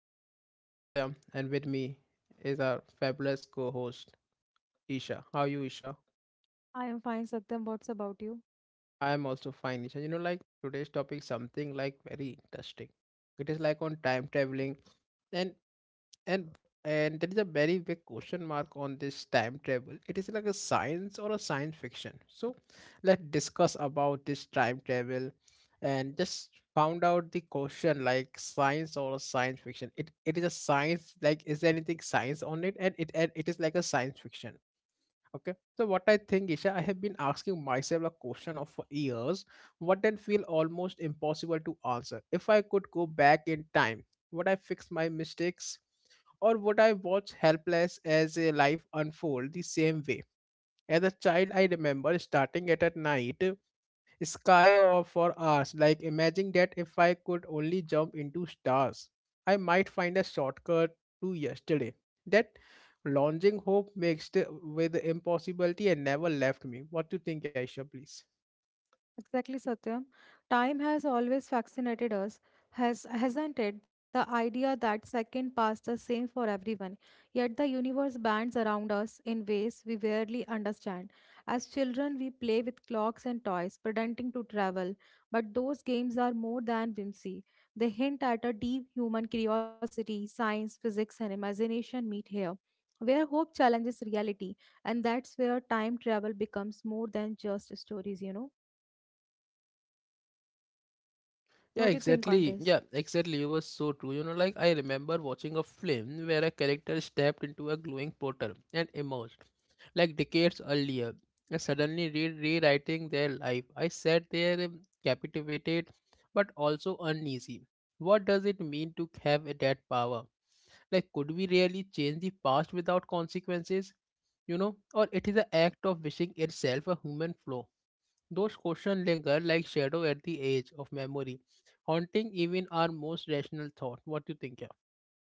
I'm your host Satyam and with me is our fabulous co-host Isha. How are you Isha? I am fine, Satyam. What's about you? I'm also fine Isha. You know like today's topic something like very interesting. It is like on time traveling and and and there is a very big question mark on this time travel, it is like a science or a science fiction, so let's discuss about this time travel and just found out the question like science or a science fiction. It is a science, like is there anything science on it, and it is like a science fiction. Okay. So what I think, Isha, I have been asking myself a question of for years, what then feel almost impossible to answer. If I could go back in time, would I fix my mistakes? Or would I watch helpless as a life unfold the same way? As a child, I remember starting it at night sky or for hours. Like imagine that if I could only jump into stars, I might find a shortcut to yesterday. That launching hope mixed with impossibility and never left me. What do you think, Aisha, please? Exactly, Satyam. Time has always fascinated us, hasn't it? The idea that second pass the same for everyone, yet the universe bends around us in ways we barely understand. As children, we play with clocks and toys, pretending to travel, but those games are more than whimsy. They hint at a deep human curiosity, science, physics, and imagination meet here. Where hope challenges reality, and that's where time travel becomes more than just stories. Yeah, What do you think on exactly. this? Yeah, exactly. It was so true. You know, like I remember watching a film where a character stepped into a glowing portal and emerged, like decades earlier, and suddenly rewriting their life. I sat there, captivated, but also uneasy. What does it mean to have that power? Like, could we really change the past without consequences? You know, or it is an act of wishing itself a human flaw, those questions linger like shadow at the edge of memory, haunting even our most rational thought. What do you think? Yeah,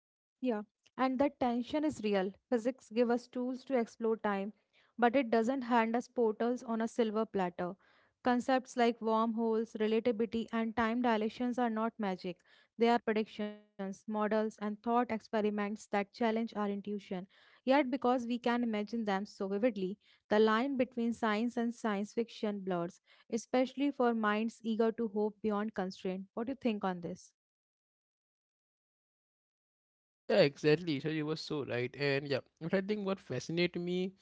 Yeah, and that tension is real. Physics give us tools to explore time, but it doesn't hand us portals on a silver platter. Concepts like wormholes, relativity, and time dilations are not magic. They are predictions, models, and thought experiments that challenge our intuition. Yet, because we can imagine them so vividly, the line between science and science fiction blurs, especially for minds eager to hope beyond constraint. What do you think on this? yeah exactly. So you were so right. And yeah, but I think what fascinates me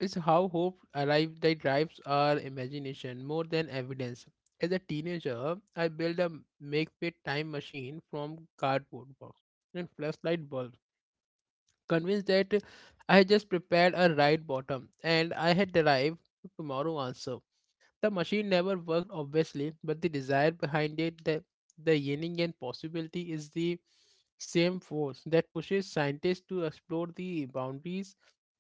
is how hope arrive that drives our imagination more than evidence. As a teenager, I built a make-fit time machine from cardboard box and flashlight bulb, convinced that I had just prepared a right bottom and I had derived tomorrow answer. The machine never worked, obviously, but the desire behind it, the yearning and possibility, is the same force that pushes scientists to explore the boundaries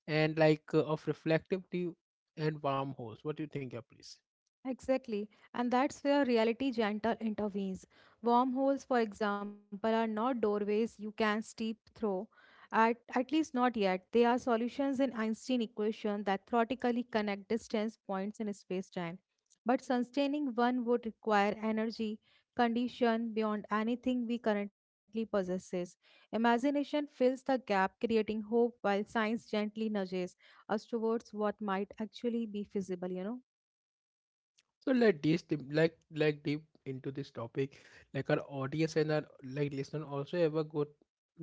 and of reflective tube and wormholes. What do you think, yeah, please? Exactly, and that's where reality gentle intervenes. Wormholes, for example, are not doorways you can steep through, at least not yet. They are solutions in Einstein equation that theoretically connect distance points in space-time. But sustaining one would require energy, condition beyond anything we currently possesses. Imagination fills the gap, creating hope while science gently nudges us towards what might actually be feasible. So let this deep into this topic. Like our audience and our like listener also have a good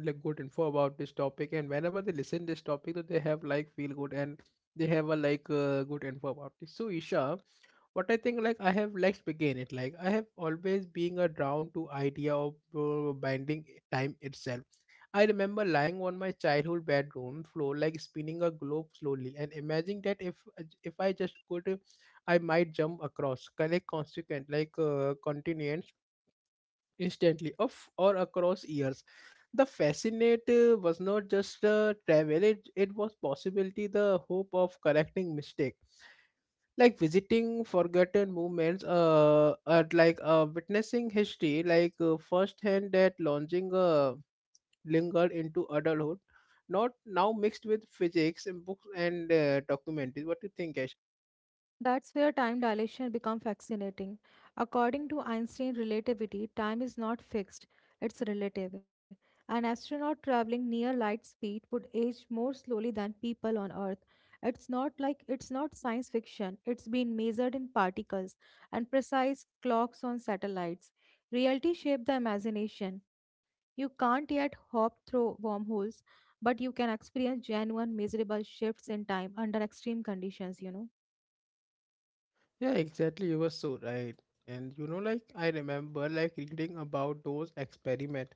like good info about this topic. And whenever they listen this topic, so they have like feel good and they have a good info about this. So Isha, what I think like I have let's begin it. Like I have always been a drawn to idea of binding time itself. I remember lying on my childhood bedroom floor, like spinning a globe slowly, and imagining that if I just could, I might jump across, collect consequent continents instantly, of or across years. The fascinate was not just travel; it was possibility, the hope of correcting mistake, like visiting forgotten movements, or witnessing history, firsthand that launching lingered into adulthood, not now mixed with physics and books and documentaries. What do you think, Ash? That's where time dilation becomes fascinating. According to Einstein relativity, time is not fixed, it's relative. An astronaut traveling near light speed would age more slowly than people on Earth. It's not like it's not science fiction, it's been measured in particles and precise clocks on satellites. Reality shaped the imagination. You can't yet hop through wormholes, but you can experience genuine, measurable shifts in time under extreme conditions. Yeah, exactly. You were so right. And you know, like I remember like reading about those experiment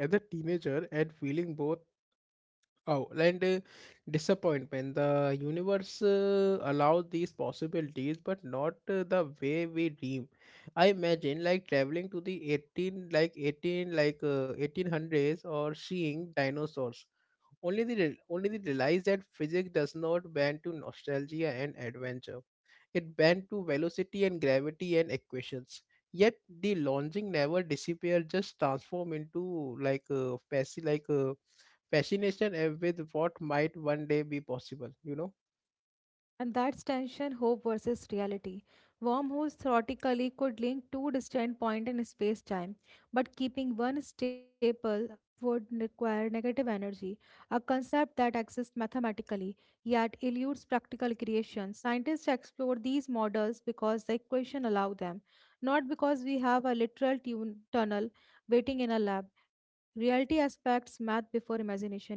as a teenager and feeling both oh and disappointment. The universe allows these possibilities, but not the way we dream. I imagine like traveling to the eighteen hundreds, or seeing dinosaurs, only the only the realize that physics does not bend to nostalgia and adventure. It bent to velocity and gravity and equations. Yet the longing never disappeared, just transform into like a fascination with what might one day be possible. You know. And that's tension, hope versus reality. Wormholes theoretically could link two distant points in space time, but keeping one stable would require negative energy, a concept that exists mathematically yet eludes practical creation. Scientists explore these models because the equation allow them, not because we have a literal tunnel waiting in a lab. Reality aspects math before imagination.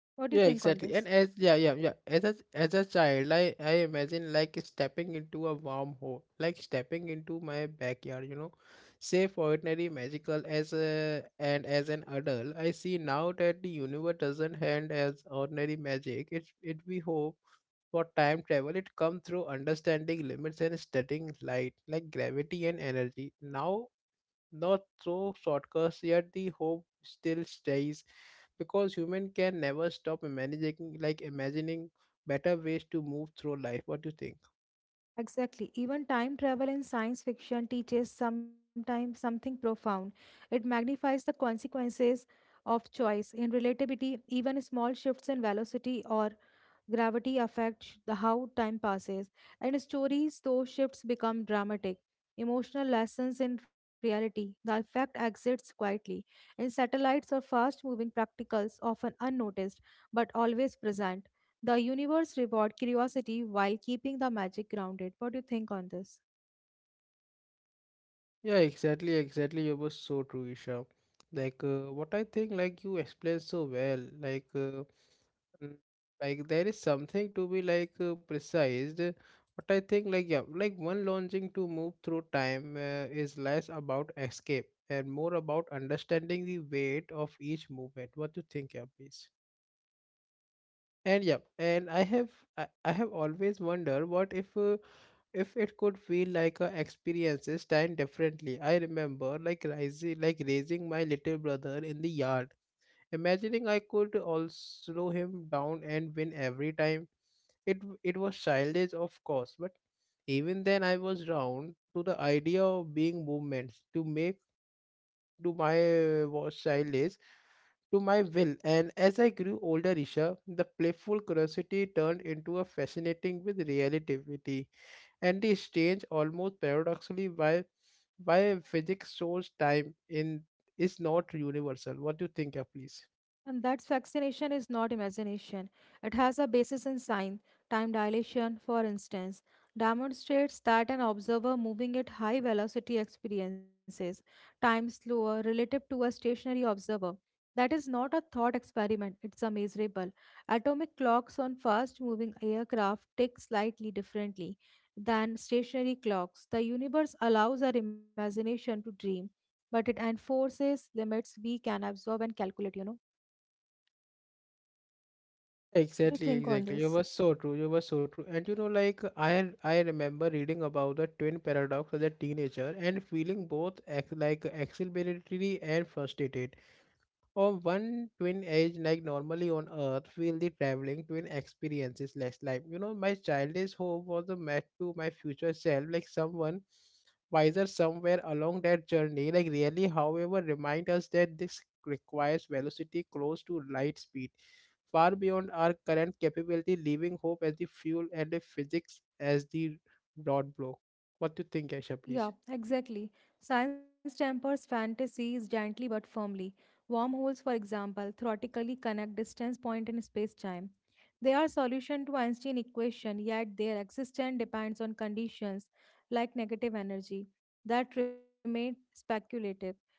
What do you Yeah, think on exactly. And this? as yeah. As a child, I imagine like stepping into a wormhole, like stepping into my backyard. You know, safe, ordinary, magical. As a and as an adult, I see now that the universe doesn't hand as ordinary magic. It we hope for time travel. It comes through understanding limits and studying light, like gravity and energy. Now not so shortcuts, yet the hope still stays because human can never stop imagining imagining better ways to move through life. What do you think? Exactly. Even time travel in science fiction teaches sometimes something profound. It magnifies the consequences of choice. In relativity, even small shifts in velocity or gravity affects the how time passes, and stories, those shifts become dramatic. Emotional lessons in reality, the effect exits quietly. In satellites or fast moving practicals, often unnoticed but always present, the universe reward curiosity while keeping the magic grounded. What do you think on this? Yeah, exactly, exactly. You were so true, Isha. What I think, like you explained so well. Mm, like there is something to be precise. What I think, like yeah, like one launching to move through time is less about escape and more about understanding the weight of each movement. What do you think, yeah, please? And I have always wondered what if it could feel like a experiences time differently. I remember like rising like raising my little brother in the yard, imagining I could all slow him down and win every time. It was childish of course, but even then I was drawn to the idea of being movements to make to my was childish to my will. And as I grew older, Isha, the playful curiosity turned into a fascinating with relativity and the strange, almost paradoxically, why physics shows time in is not universal. What do you think, please? And that vaccination is not imagination. It has a basis in science. Time dilation, for instance, demonstrates that an observer moving at high velocity experiences time slower relative to a stationary observer. That is not a thought experiment, it's a measurable. Atomic clocks on fast moving aircraft tick slightly differently than stationary clocks. The universe allows our imagination to dream, but it enforces limits we can absorb and calculate. To Exactly, think on exactly. You this. were so true. You were so true. And you know, like I remember reading about the twin paradox as a teenager and feeling both exhilaratory and frustrated. Or one twin age, like normally on Earth, will the traveling twin experiences less life? You know. My childish hope was a match to my future self, like someone wiser somewhere along that journey. Like really, however, remind us that this requires velocity close to light speed, far beyond our current capability, leaving hope as the fuel and the physics as the rod blow. What do you think, Aisha? Please. Yeah, exactly. Science tempers fantasies gently but firmly. Wormholes, for example, theoretically connect distance point in space-time. They are solution to Einstein equation, yet their existence depends on conditions like negative energy that remain speculative.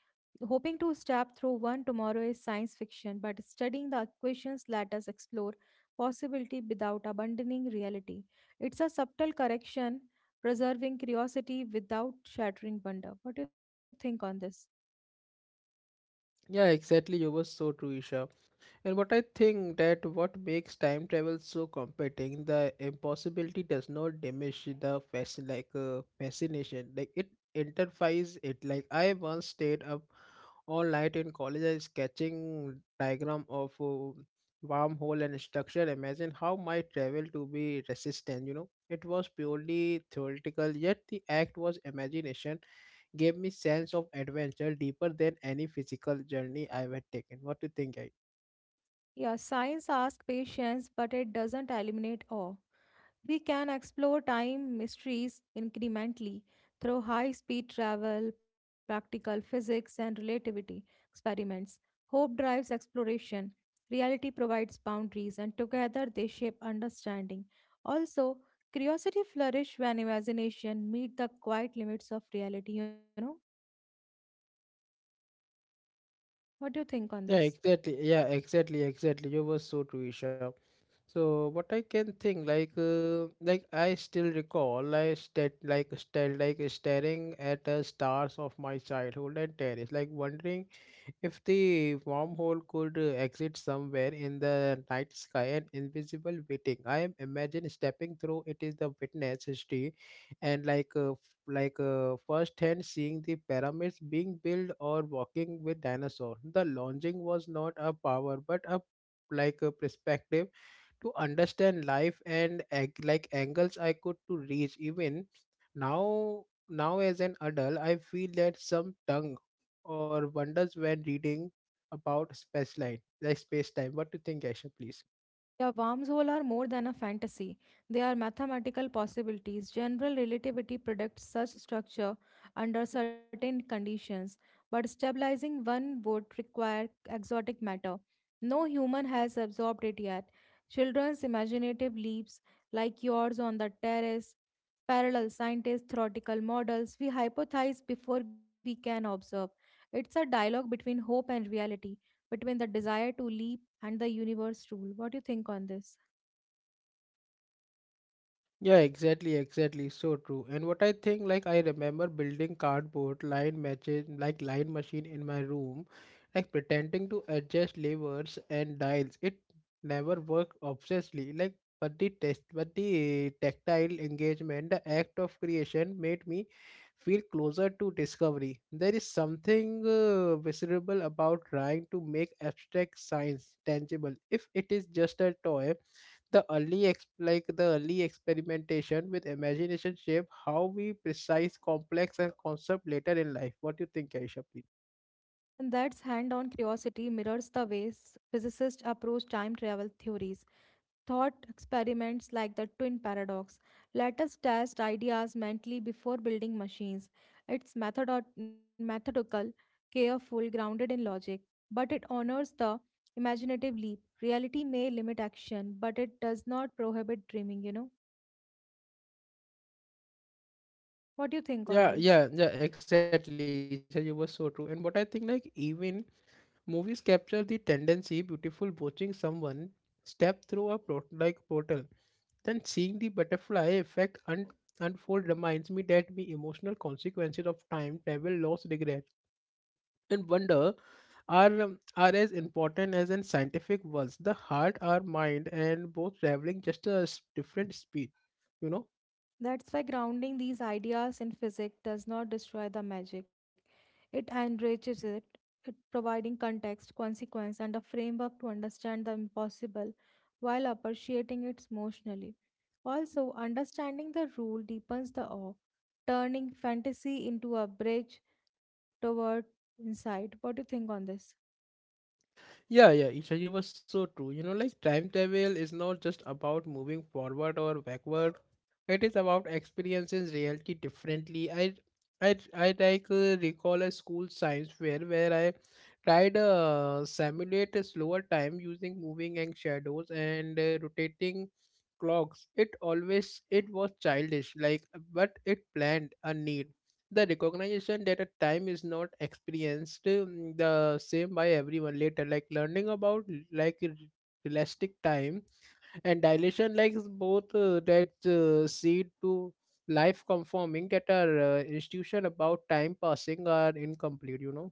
Hoping to step through one tomorrow is science fiction, but studying the equations let us explore possibility without abandoning reality. It's a subtle correction, preserving curiosity without shattering wonder. What do you think on this? Yeah, exactly. You were so true, Isha. And what I think that what makes time travel so compelling, the impossibility does not diminish the fascination. Like it interfies it. Like I once stayed up all night in college, I sketching diagram of wormhole and structure. Imagine how my travel to be resistant. You know, it was purely theoretical, yet the act was imagination gave me sense of adventure deeper than any physical journey I had taken. What do you think, guys? Yeah, science asks patience, but it doesn't eliminate awe. We can explore time mysteries incrementally through high speed travel, practical physics, and relativity experiments. Hope drives exploration. Reality provides boundaries, and together they shape understanding. Also, curiosity flourishes when imagination meets the quiet limits of reality. What do you think on this? Yeah, exactly. Yeah, exactly. You were so true, Isha. So what I can think, I still recall, like, stat, like, stat, like staring at the stars of my childhood and terrace, like wondering if the wormhole could exit somewhere in the night sky and invisible waiting. I am imagine stepping through it is the witness history, and firsthand seeing the pyramids being built or walking with dinosaurs. The longing was not a power but a like a perspective to understand life and angles I could to reach even now as an adult I feel that some tongue or wonders when reading about space line like space time. What do you think, Aisha, please? Yeah, wormholes are more than a fantasy. They are mathematical possibilities. General relativity predicts such structure under certain conditions, but stabilizing one would require exotic matter. No human has absorbed it yet. Children's imaginative leaps, like yours on the terrace, parallel scientists, theoretical models, we hypothesize before we can observe. It's a dialogue between hope and reality, between the desire to leap and the universe rule. What do you think on this? Yeah, exactly, exactly. So true. And what I think, like I remember building cardboard line matches, like line machine in my room, like pretending to adjust levers and dials. It never worked obsessively. Like, but the tactile engagement, the act of creation, made me feel closer to discovery. There is something visceral about trying to make abstract science tangible. If it is just a toy, the early ex- like the early experimentation with imagination shape how we precise complex and concept later in life. What do you think, Aisha, please? And that's hand on curiosity mirrors the ways physicists approach time travel theories. Thought experiments like the twin paradox let us test ideas mentally before building machines. It's methodical, careful, grounded in logic, but it honors the imaginative leap. Reality may limit action, but it does not prohibit dreaming? What do you think on Yeah, this? Exactly. So you were so true. And what I think, like, even movies capture the tendency beautiful, watching someone step through a plot like portal, then seeing the butterfly effect unfold reminds me that the emotional consequences of time travel loss regret and wonder are, are as important as in scientific ones. The heart, our mind, and both traveling just a different speed. You know. That's why grounding these ideas in physics does not destroy the magic. It enriches it, it providing context, consequence, and a framework to understand the impossible while appreciating it emotionally. Also, understanding the rule deepens the awe, turning fantasy into a bridge toward insight. What do you think on this? Yeah, yeah, Isha, you were so true. You know, like time travel is not just about moving forward or backward. It is about experiencing reality differently. I recall a school science fair where I tried simulate a slower time using moving and shadows and rotating clocks. It always it was childish, like but it planned a need the recognition that a time is not experienced the same by everyone later like learning about like elastic time and dilation like is both that seed to life conforming that our institution about time passing are incomplete you know.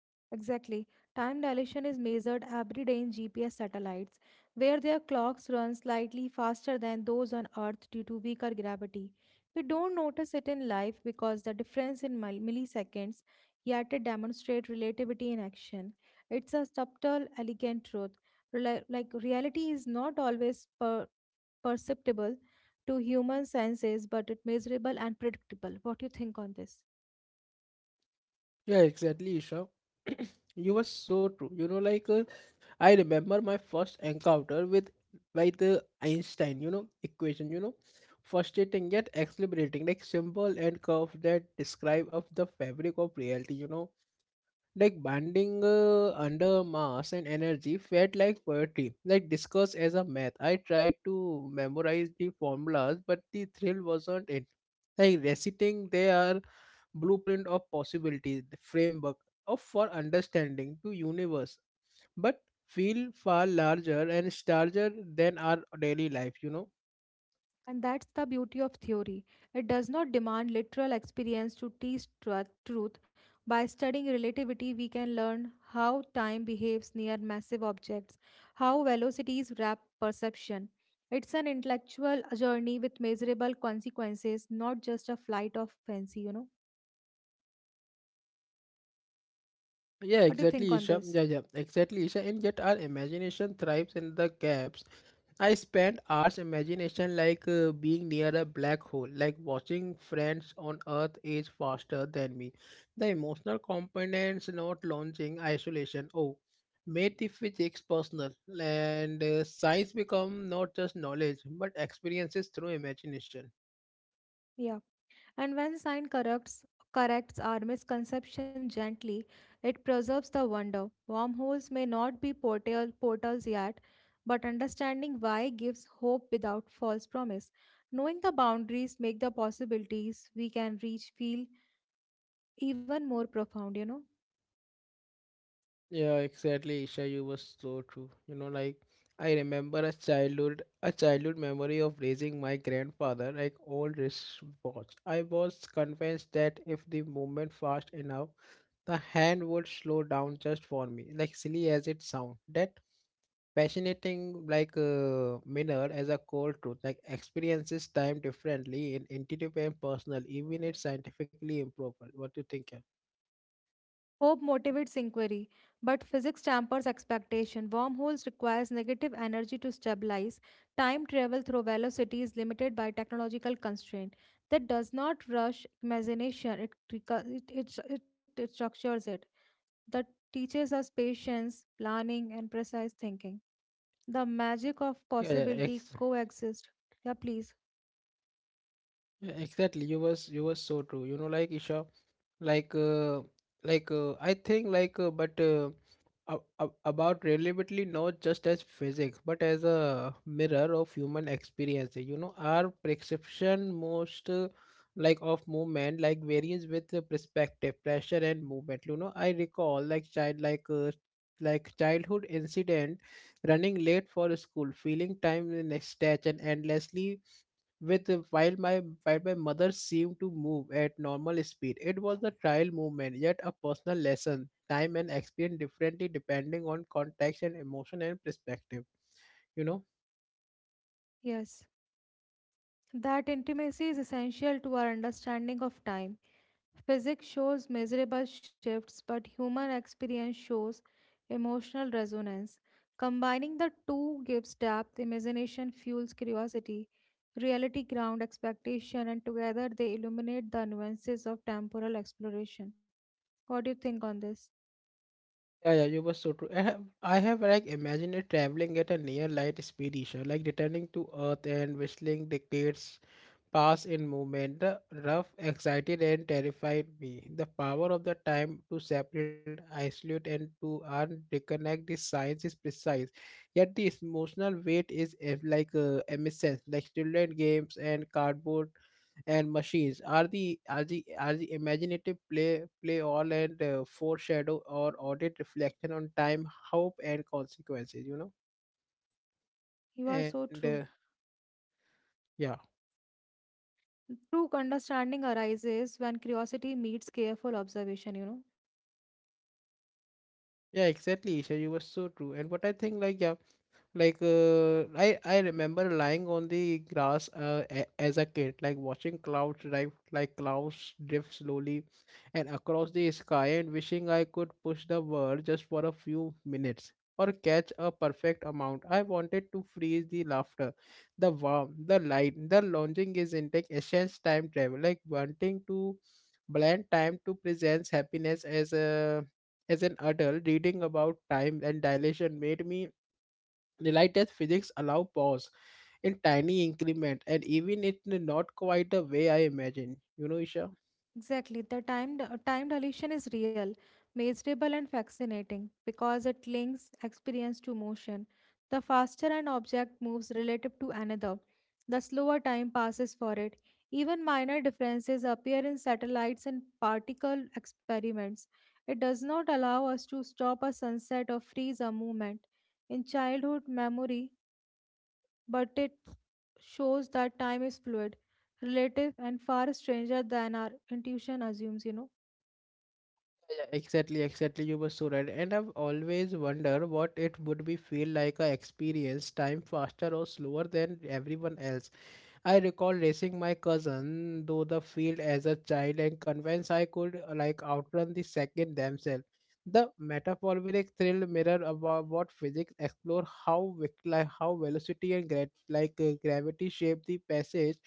Exactly. Time dilation is measured every day in GPS satellites, where their clocks run slightly faster than those on Earth due to weaker gravity. We don't notice it in life because the difference in milliseconds yet it demonstrate relativity in action. It's a subtle, elegant truth. Reality is not always perceptible to human senses, but it measurable and predictable. What do you think on this? Yeah, exactly, Isha. You were so true. You know like I remember my first encounter with by the Einstein, you know, equation, you know, frustrating yet exhilarating, like symbol and curve that describe of the fabric of reality, you know, like bonding under mass and energy felt like poetry, like discussed as a math. I tried to memorize the formulas, but the thrill wasn't it. Like reciting their blueprint of possibilities, the framework of for understanding to universe but feel far larger and starker than our daily life, you know. And that's the beauty of theory. It does not demand literal experience to teach truth. By studying relativity, we can learn how time behaves near massive objects, how velocities wrap perception. It's an intellectual journey with measurable consequences, not just a flight of fancy. Yeah, What do you think exactly, on Isha. this? Yeah, yeah, exactly, Isha. And yet our imagination thrives in the gaps. I spend hours imagination like being near a black hole, like watching friends on Earth age faster than me. The emotional components not launching isolation. Oh, made the physics personal and science become not just knowledge but experiences through imagination. Yeah. And when science corrects our misconception gently, it preserves the wonder. Wormholes may not be portals yet, but understanding why gives hope without false promise. Knowing the boundaries make the possibilities we can reach feel even more profound. Yeah, exactly, Isha. You were so true. You know, like I remember a childhood memory of raising my grandfather like old wristwatch. I was convinced that if the movement fast enough, the hand would slow down just for me. Like silly as it sounds, that fascinating like mirror as a cold truth. Like experiences time differently in intuitive and personal, even if scientifically improper. What do you think? Yeah, Hope motivates inquiry, but physics dampers expectation. Wormholes requires negative energy to stabilize. Time travel through velocity is limited by technological constraint. That does not rush imagination, it, recu- it structures it. That teaches us patience, planning, and precise thinking. The magic of yeah, yeah, possibility coexist. Yeah, please. Yeah, exactly. You was so true you know like Isha, like uh, like I think like but about relatively not just as physics but as a mirror of human experience, you know, our perception most like of movement like varies with the perspective pressure and movement, you know. I recall like child like childhood incident running late for school feeling time in a stretch and endlessly with while my mother seemed to move at normal speed. It was a trial movement yet a personal lesson time and experience differently depending on context and emotion and perspective, you know. Yes. That intimacy is essential to our understanding of time. Physics shows measurable shifts, but human experience shows emotional resonance. Combining the two gives depth, imagination fuels curiosity, reality ground expectation, and together they illuminate the nuances of temporal exploration. What do you think on this? Yeah, yeah, you were so true. I have like imagined it traveling at a near light speed issue like returning to earth and whistling decades pass in movement, the rough, excited, and terrified me. The power of the time to separate, isolate, and to unconnect the science is precise. Yet the emotional weight is like emissions, like children games and cardboard and machines. Are the imaginative play all and foreshadow or audit reflection on time, hope, and consequences? You know, You are and so true. Yeah, True understanding arises when curiosity meets careful observation. yeah, exactly. Isha, you were so true. And what I think, like, yeah. Like I remember lying on the grass as a kid like watching clouds drive like clouds drift slowly and across the sky and wishing I could push the world just for a few minutes or catch a perfect amount. I wanted to freeze the laughter, the warmth, the light, the longing is intake essence time travel, like wanting to blend time to presents happiness as a as an adult reading about time and dilation made me the lightest physics allow pause in tiny increment and even it not quite the way I imagined. You know, Isha? Exactly. The time dilation is real, measurable and fascinating because it links experience to motion. The faster an object moves relative to another, the slower time passes for it. Even minor differences appear in satellites and particle experiments. It does not allow us to stop a sunset or freeze a movement. In childhood memory, but it shows that time is fluid, relative, and far stranger than our intuition assumes. Yeah, exactly, exactly. You were so right. And I've always wondered what it would be feel like I experience time faster or slower than everyone else. I recall racing my cousin through the field as a child and convinced I could like outrun the second themselves. The metaphoric thrill mirror about what physics explore how like how velocity and like gravity shape the passage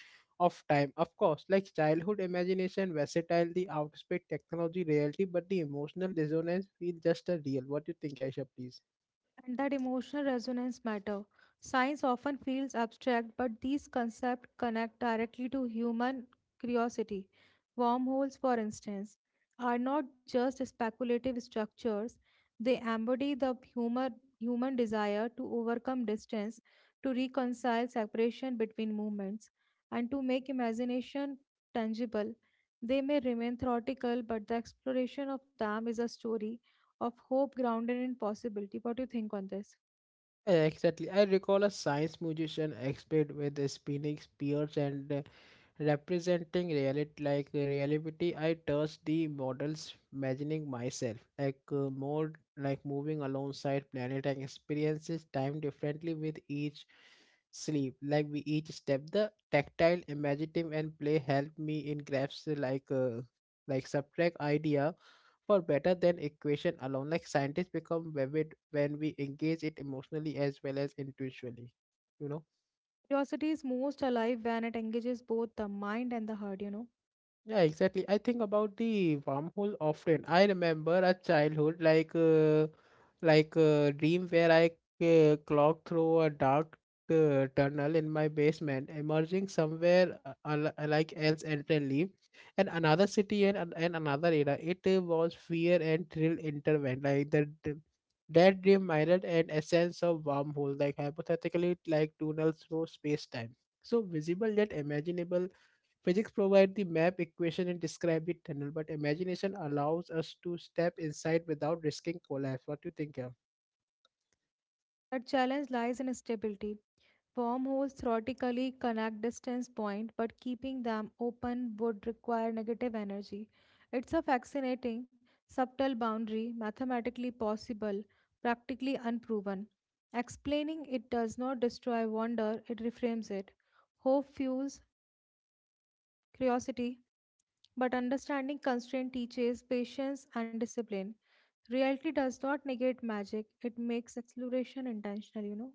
of time. Of course, like childhood imagination, versatile, the outspec technology, reality, but the emotional dissonance feel just a real. What do you think, Aisha, please? And that emotional resonance matter. Science often feels abstract, but these concepts connect directly to human curiosity. Wormholes, for instance, are not just speculative structures, they embody the human desire to overcome distance, to reconcile separation between movements, and to make imagination tangible. They may remain theoretical, but the exploration of them is a story of hope grounded in possibility. What do you think on this? Exactly. I recall a science musician expert with a spinning spears and representing reality like reality. I touched the models, imagining myself like more like moving alongside planet and experiences time differently with each sleep. Like we each step, the tactile, imaginative, and play help me in grasp like subtract idea for better than equation alone. Like scientists become vivid when we engage it emotionally as well as intuitively, you know. Curiosity is most alive when it engages both the mind and the heart. Yeah, exactly. I think about the wormhole often. I remember a childhood like a dream where I clocked through a dark tunnel in my basement, emerging somewhere like else entirely, and another city and another era. It was fear and thrill intertwined. Like that dream mirrored an essence of wormhole, like hypothetically like tunnels through space time. So visible yet imaginable. Physics provide the map equation and describe the tunnel, but imagination allows us to step inside without risking collapse. What do you think, yeah? The challenge lies in stability. Wormholes theoretically connect distance point, but keeping them open would require negative energy. It's a fascinating, subtle boundary, mathematically possible, practically unproven. Explaining it does not destroy wonder, it reframes it. Hope fuels curiosity, but understanding constraint teaches patience and discipline. Reality does not negate magic, it makes exploration intentional.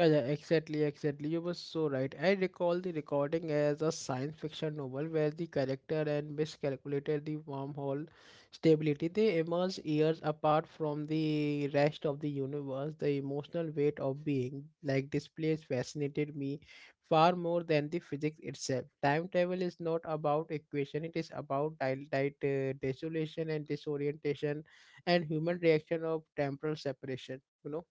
Yeah, yeah, exactly, exactly. You were so right. I recall the recording as a science fiction novel where the character and miscalculated the wormhole stability. They emerge years apart from the rest of the universe. The emotional weight of being like this place fascinated me far more than the physics itself. Time travel is not about equation, it is about desolation and disorientation and human reaction of temporal separation. You know.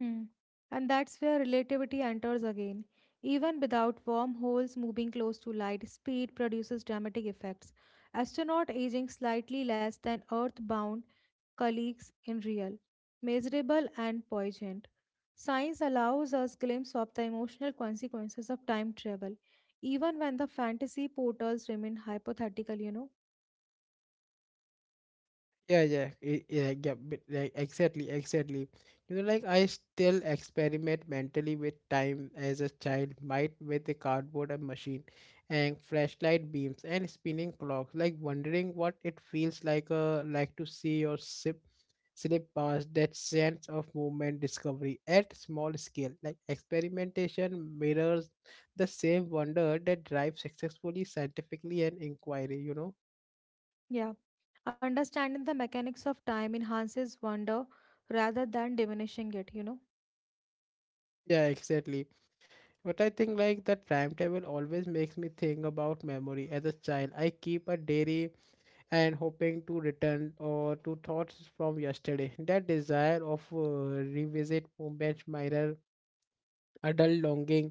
Hmm. And that's where relativity enters again. Even without wormholes, moving close to light speed produces dramatic effects. Astronaut aging slightly less than Earth-bound colleagues in real, measurable and poignant. Science allows us glimpse of the emotional consequences of time travel, even when the fantasy portals remain hypothetical. Yeah, yeah, yeah, yeah, but, like, exactly, exactly. You know, like I still experiment mentally with time as a child might with a cardboard and machine and flashlight beams and spinning clocks, like wondering what it feels like to see or sip slip past that sense of movement discovery at small scale. Like experimentation mirrors the same wonder that drives successfully scientifically and inquiry, you know? Yeah. Understanding the mechanics of time enhances wonder rather than diminishing it. Yeah, exactly. But I think like that timetable always makes me think about memory. As a child, I keep a diary and hoping to return or to thoughts from yesterday. That desire of revisit moments mirror adult longing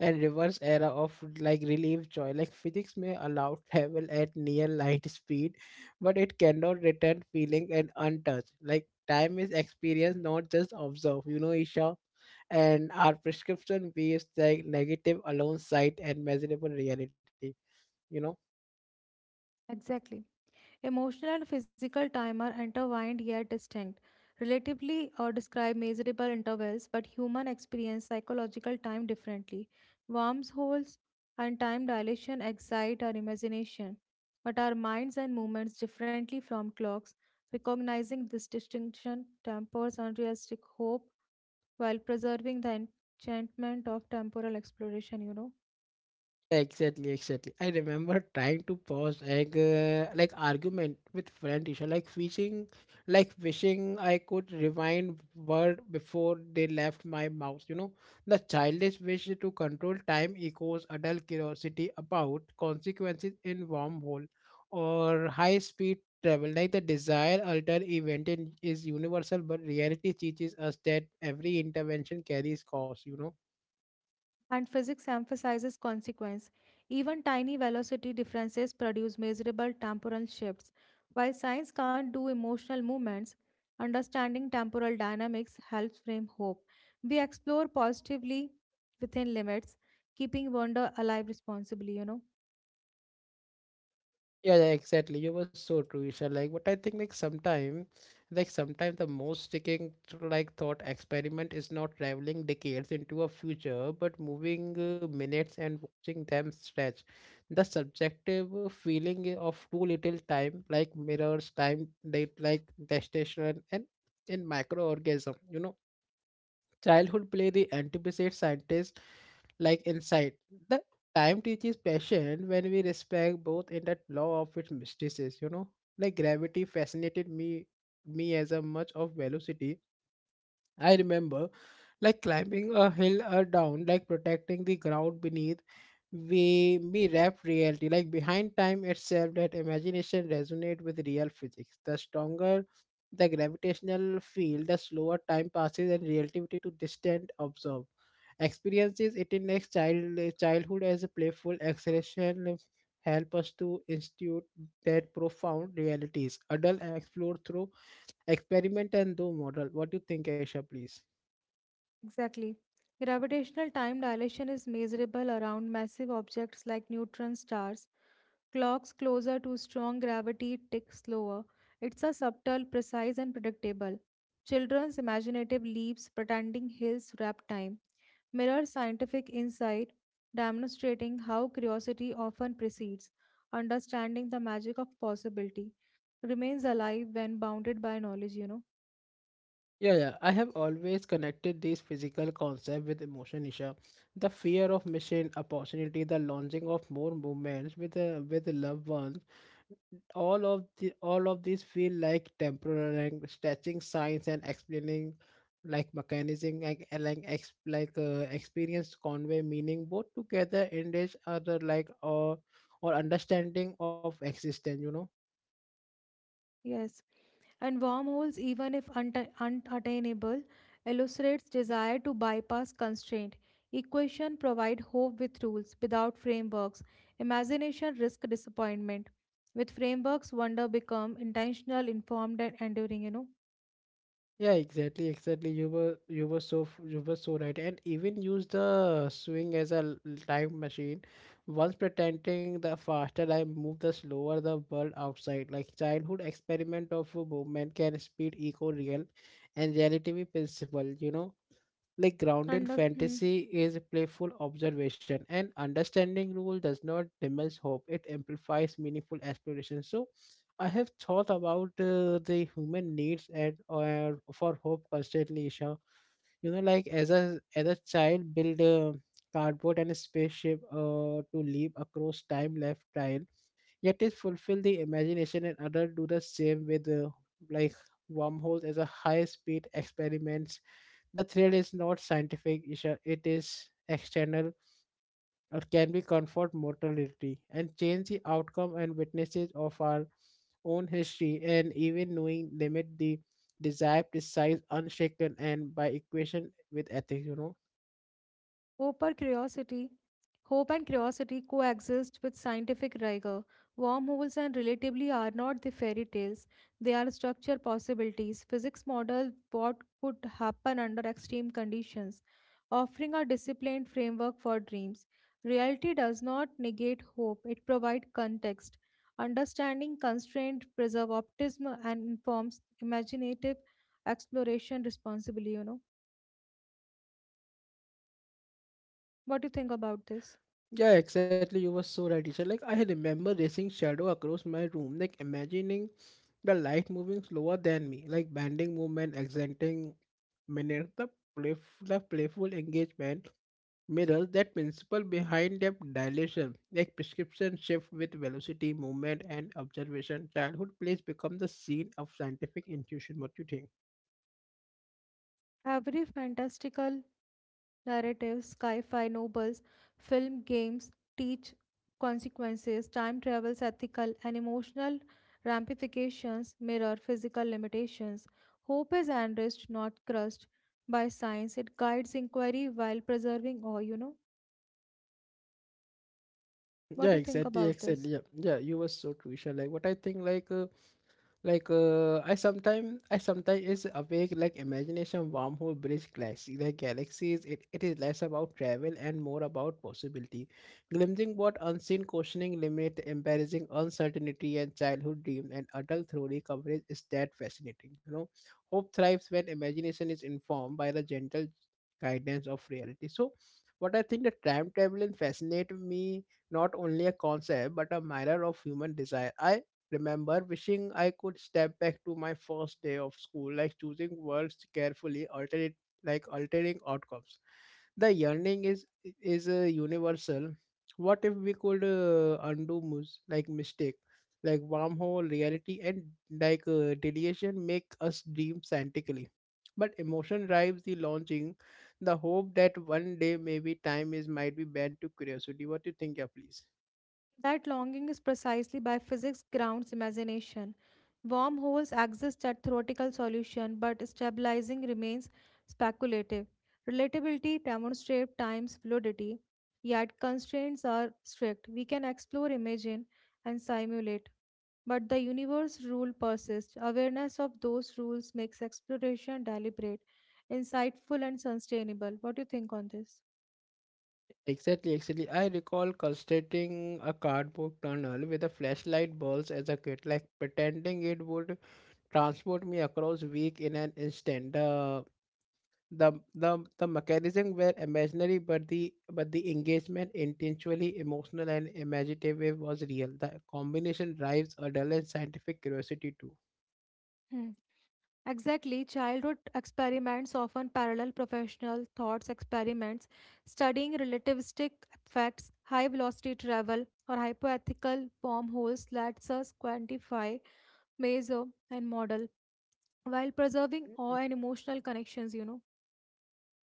and reverse era of like relief joy, like physics may allow travel at near light speed but it cannot return feeling and untouched. Like time is experienced not just observed, you know, Isha. And our prescription based like negative alongside and measurable reality, you know. Exactly. Emotional and physical time are intertwined yet distinct. Relatively or describe measurable intervals, but human experience psychological time differently. Wormholes and time dilation excite our imagination, but our minds and movements differently from clocks. Recognizing this distinction tempers unrealistic hope while preserving the enchantment of temporal exploration. Exactly, exactly. I remember trying to pause egg like argument with friend Isha, like wishing I could rewind word before they left my mouth. You know, the childish wish to control time echoes adult curiosity about consequences in wormhole or high speed travel. Like the desire alter event in, is universal, but reality teaches us that every intervention carries cost. You know. And physics emphasizes consequence. Even tiny velocity differences produce measurable temporal shifts. While science can't do emotional movements, understanding temporal dynamics helps frame hope. We explore positively within limits, keeping wonder alive responsibly. Yeah, yeah, exactly. You were so true, Isha. Like, what I think, like, sometime the most sticking, to, like, thought experiment is not traveling decades into a future, but moving minutes and watching them stretch. The subjective feeling of too little time, like mirrors, time, date, like, gestation, and in microorganism, you know. Childhood play the anticipates scientists like insight. The time teaches passion when we respect both in that law of its mysticism, you know. Like gravity fascinated me as a much of velocity. I remember like climbing a hill or down, like protecting the ground beneath we me wrap reality. Like behind time itself that imagination resonate with real physics. The stronger the gravitational field, the slower time passes and relativity to distant observe. Experiences it in next childhood as a playful acceleration help us to institute that profound realities. Adult explore through experiment and do model. What do you think, Aisha, please? Exactly. Gravitational time dilation is measurable around massive objects like neutron stars. Clocks closer to strong gravity tick slower. It's a subtle, precise, and predictable. Children's imaginative leaps pretending hills wrap time. Mirror scientific insight, demonstrating how curiosity often precedes understanding the magic of possibility. Remains alive when bounded by knowledge. Yeah, yeah. I have always connected this physical concept with emotion, Isha. The fear of missing opportunity, the launching of more movements with loved ones. All of these feel like temporary and stretching signs and explaining like mechanism like like experience convey meaning both together engage other like or understanding of existence. You know. Yes. And wormholes, even if unattainable, illustrates desire to bypass constraint. Equation provide hope with rules, without frameworks. Imagination risk disappointment. With frameworks, wonder become intentional, informed, and enduring. You know, Yeah, exactly, exactly. You were so you were so right, and even use the swing as a time machine. Once pretending the faster I move, the slower the world outside. Like childhood experiment of a movement can speed eco real and relativity principle. You know, like grounded Under- hmm. fantasy is playful observation and understanding rule does not diminish hope, it amplifies meaningful aspiration. So I have thought about the human needs and for hope constantly, Isha. You know, like as a child build a cardboard and a spaceship to leap across time left time yet it fulfill the imagination and others do the same with like wormholes as a high speed experiments. The thrill is not scientific, Isha. It is external or can be comfort mortality and change the outcome and witnesses of our own history and even knowing limit the desire precise unshaken and by equation with ethics, you know. Hope or curiosity. Hope and curiosity coexist with scientific rigor. Wormholes and relatively are not the fairy tales. They are structure possibilities. Physics model what could happen under extreme conditions, offering a disciplined framework for dreams. Reality does not negate hope, it provides context. Understanding constraint preserve optimism and informs imaginative exploration responsibly. What do you think about this? Yeah, exactly. You were so right, teacher. Like I remember racing shadow across my room, like imagining the light moving slower than me, like bending movement, accenting minutes, the playful engagement mirrors that principle behind depth dilation, like prescription shift with velocity, movement, and observation. Childhood plays become the scene of scientific intuition. What you think? Every fantastical narrative, sci fi novels, film, games teach consequences, time travel's ethical and emotional ramifications mirror physical limitations. Hope is enriched, not crushed by science. It guides inquiry while preserving awe. Yeah, What do you think exactly, about exactly. this? Yeah, yeah, you were so crucial. Like what I think, I sometimes is awake like imagination wormhole bridge galaxy like galaxies. It is less about travel and more about possibility, glimpsing what unseen, questioning limit, embarrassing uncertainty and childhood dream and adult theory coverage is that fascinating. Hope thrives when imagination is informed by the gentle guidance of reality. So, what I think the time traveling fascinate me not only a concept but a mirror of human desire. I remember wishing I could step back to my first day of school, like choosing words carefully, alternate like altering outcomes. The yearning is universal. What if we could undo like mistake, like wormhole reality and deviation make us dream scientifically? But emotion drives the launching, the hope that one day maybe time is might be bent to curiosity. What do you think, yeah, please? That longing is precisely by physics grounds imagination. Wormholes exist at theoretical solution, but stabilizing remains speculative. Relatability demonstrates time's fluidity, yet constraints are strict. We can explore, imagine, and simulate, but the universe rule persists. Awareness of those rules makes exploration deliberate, insightful, and sustainable. What do you think on this? Exactly, exactly. I recall constructing a cardboard tunnel with a flashlight bulbs as a kid, like pretending it would transport me across week in an instant. The mechanism were imaginary, but the engagement intentionally emotional and imaginative was real. The combination drives adult and scientific curiosity too. Hmm. Exactly, childhood experiments often parallel professional thoughts experiments, studying relativistic effects, high velocity travel, or hypoethical wormholes lets us quantify, measure, and model while preserving awe and emotional connections.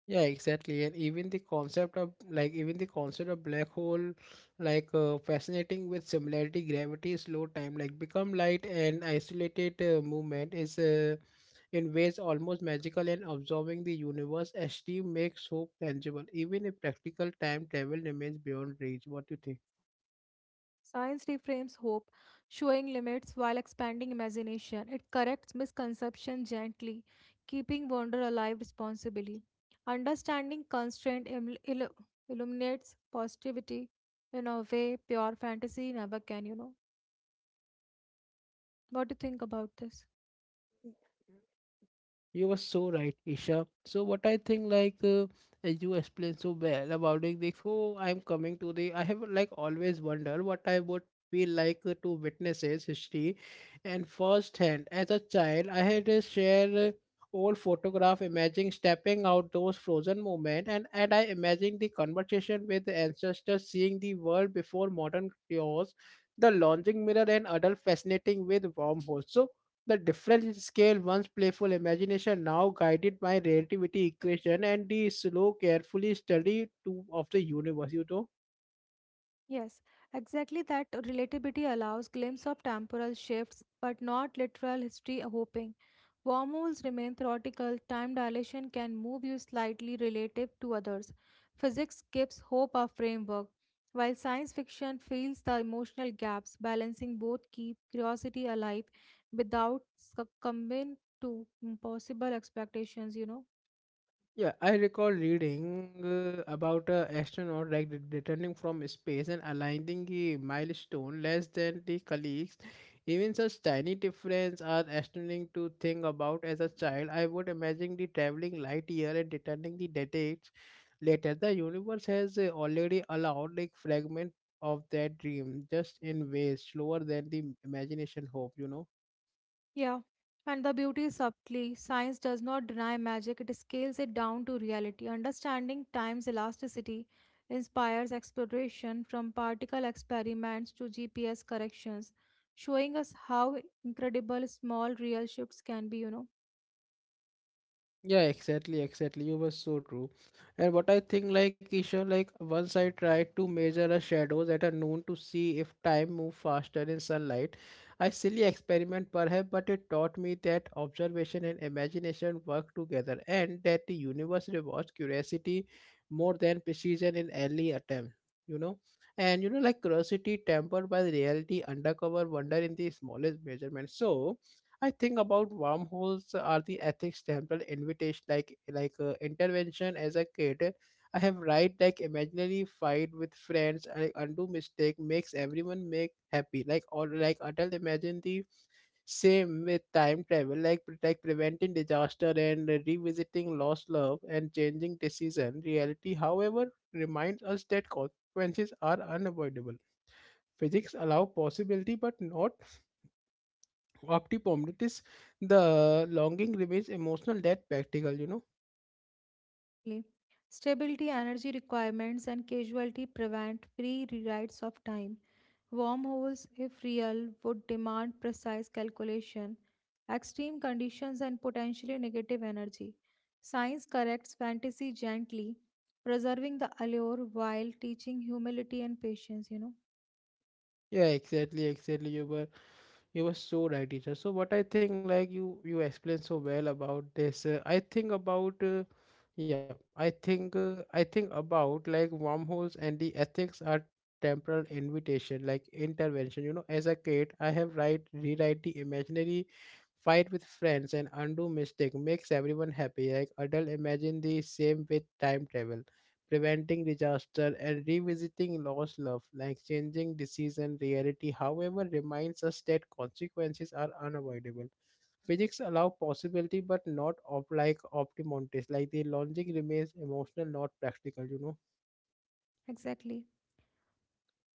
Yeah, exactly. And even the concept of like even the concept of black hole, fascinating with similarity, gravity, slow time, like become light and isolated movement is in ways almost magical and absorbing the universe. As Steve makes hope tangible, even if practical time travel remains beyond reach. What do you think? Science reframes hope, showing limits while expanding imagination. It corrects misconception gently, keeping wonder alive responsibly. Understanding constraint illuminates positivity in a way pure fantasy never can. What do you think about this? You were so right, Isha. So what I think, as you explained so well about it, before I'm coming to the, I have like always wondered what I would feel like to witness history, and firsthand as a child, I had to share old photograph, imagining stepping out those frozen moment, and I imagined the conversation with the ancestors, seeing the world before modern chaos, the launching mirror, and adult fascinating with wormholes. So the difference scale, once playful imagination, now guided by relativity equation and the slow, carefully study to, of the universe. You know. Yes, exactly that relatability allows glimpse of temporal shifts but not literal history hopping. Wormholes remain theoretical, time dilation can move you slightly relative to others. Physics gives hope a framework, while science fiction fills the emotional gaps, balancing both keep curiosity alive without succumbing to impossible expectations. Yeah, I recall reading about a astronaut like returning from space and aligning a milestone less than the colleagues. Even such tiny differences are astonishing to think about as a child. I would imagine the traveling light year and returning the decades later. The universe has already allowed like fragment of that dream, just in ways slower than the imagination hope. You know. Yeah, and the beauty is subtly. Science does not deny magic, it scales it down to reality. Understanding time's elasticity inspires exploration from particle experiments to GPS corrections, showing us how incredible small real shifts can be. Yeah, exactly, exactly. You were so true. And what I think, like Isha, like once I tried to measure a shadows at a noon to see if time moved faster in sunlight, I silly experiment perhaps, but it taught me that observation and imagination work together, and that the universe rewards curiosity more than precision in early attempt. You know, and you know, like curiosity tempered by reality, undercover wonder in the smallest measurement. So. I think about wormholes are the ethics temple invitation like intervention as a kid. I have right like imaginary fight with friends and undo mistake makes everyone make happy like or like adult imagine the same with time travel like like preventing disaster and revisiting lost love and changing decision reality, however, reminds us that consequences are unavoidable. Physics allow possibility but not opti-prominent is the longing remains emotional that practical. You know, Exactly. Stability, energy requirements, and casualty prevent free rewrites of time. Wormholes, if real, would demand precise calculation, extreme conditions, and potentially negative energy. Science corrects fantasy gently, preserving the allure while teaching humility and patience. yeah, exactly, exactly. You were so right, teacher. So what I think, like you explained so well about this, I think about yeah, I think about like wormholes and the ethics are temporal invitation like intervention, you know, as a kid, I have write rewrite the imaginary fight with friends and undo mistake makes everyone happy like adult imagine the same with time travel preventing disaster, and revisiting lost love, like changing decision reality, however, reminds us that consequences are unavoidable. Physics allow possibility but not like optimontis. Like the logic remains emotional, not practical, you know. Exactly.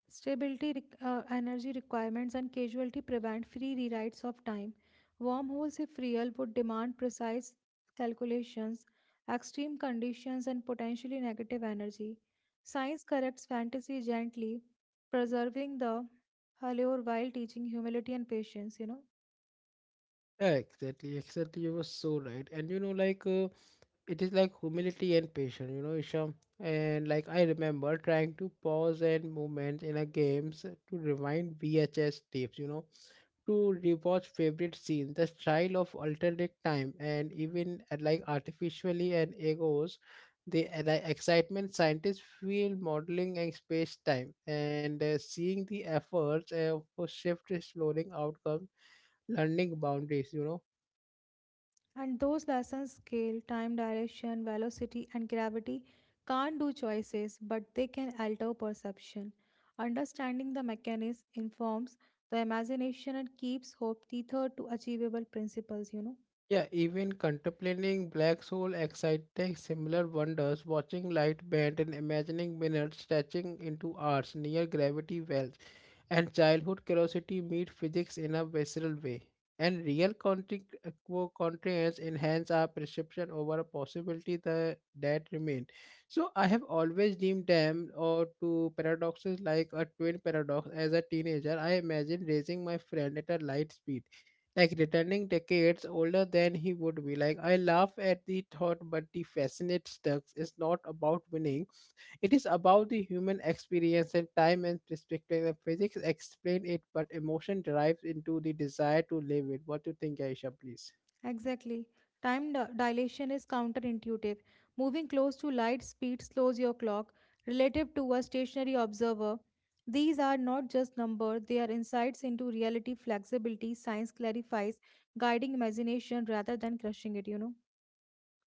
Stability, energy requirements, and casualty prevent free rewrites of time. Wormholes, if real, would demand precise calculations, extreme conditions, and potentially negative energy. Science corrects fantasy gently, preserving the allure while teaching humility and patience. Yeah, exactly, exactly. You were so right. And you know, it is like humility and patience, you know, Isham. And like I remember trying to pause and movement in a games to rewind VHS tapes, you know, to rewatch favorite scenes, the style of alternate time, and even like artificially and egos, the excitement scientists feel modeling and space time, and seeing the efforts for shift exploring outcomes, learning boundaries, you know. And those lessons scale, time, direction, velocity, and gravity can't do choices, but they can alter perception. Understanding the mechanism informs the imagination and keeps hope tethered to achievable principles. Yeah, even contemplating black hole exciting similar wonders, watching light bend and imagining minutes stretching into hours near gravity wells, and childhood curiosity meet physics in a visceral way. And real contents enhance our perception over a possibility the, that remain. So I have always deemed them or to paradoxes like a twin paradox. As a teenager, I imagined racing my friend at a light speed like returning decades older than he would be. Like I laugh at the thought, but the fascinate Stux is not about winning. It is about the human experience and time and perspective. And physics explain it, but emotion derives into the desire to live it. What do you think, Aisha? Please. Exactly. Time dilation is counterintuitive. Moving close to light speed slows your clock. Relative to a stationary observer, these are not just numbers, they are insights into reality, flexibility, science clarifies, guiding imagination rather than crushing it.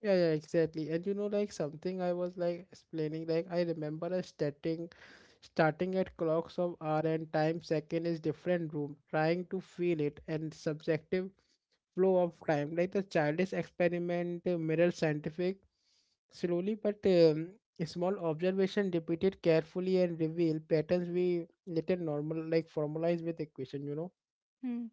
Yeah, yeah, exactly. And you know, like something I was like explaining, like I remember a starting at clocks of hour and time second is different room, trying to feel it and subjective flow of time. Like the childish experiment mirror scientific slowly but small observation repeated carefully and reveal patterns we later normal like formalize with equation, you know. Hmm.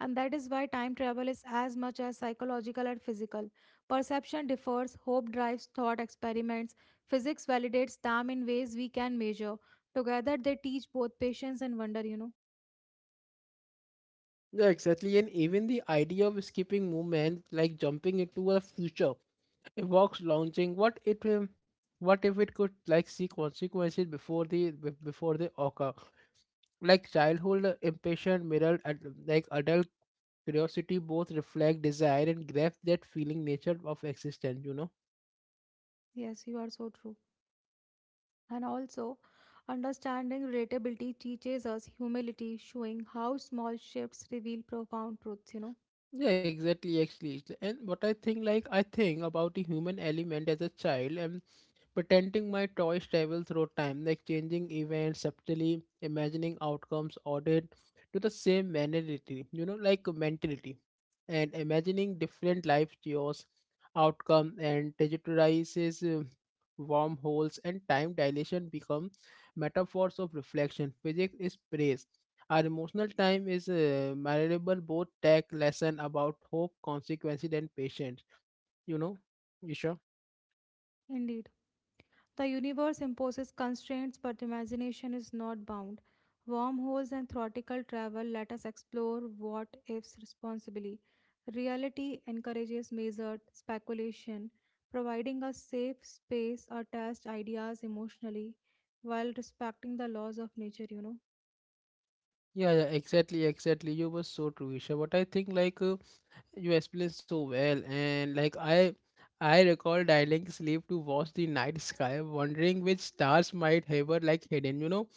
And that is why time travel is as much as psychological and physical. Perception differs, hope drives thought experiments, physics validates time in ways we can measure. Together, they teach both patience and wonder. Yeah, exactly. And even the idea of skipping movement, like jumping into a future evokes launching. What if it could like see consequences before the before they occur? Like childhood impatient mirror and like adult curiosity both reflect desire and grasp that feeling nature of existence. You know. Yes, you are so true. And also, understanding relatability teaches us humility, showing how small shifts reveal profound truths. Yeah, exactly. Actually, and what I think, like I think about the human element as a child, and pretending my toys travel through time, like changing events subtly, imagining outcomes ordered to the same mentality, you know, like mentality, and imagining different life chaos, outcome, and digitalizes wormholes and time dilation become metaphors of reflection. Physics is praise. Our emotional time is malleable, both tech lesson about hope, consequences, and patience. You know, Isha. Indeed, the universe imposes constraints, but imagination is not bound. Wormholes and theoretical travel let us explore what ifs responsibly. Reality encourages measured speculation, providing a safe space to test ideas emotionally while respecting the laws of nature. Yeah, yeah, exactly, exactly. You were so true, Isha. But I think you explained so well, and like I recall dialing sleep to watch the night sky, wondering which stars might hover like hidden, you know,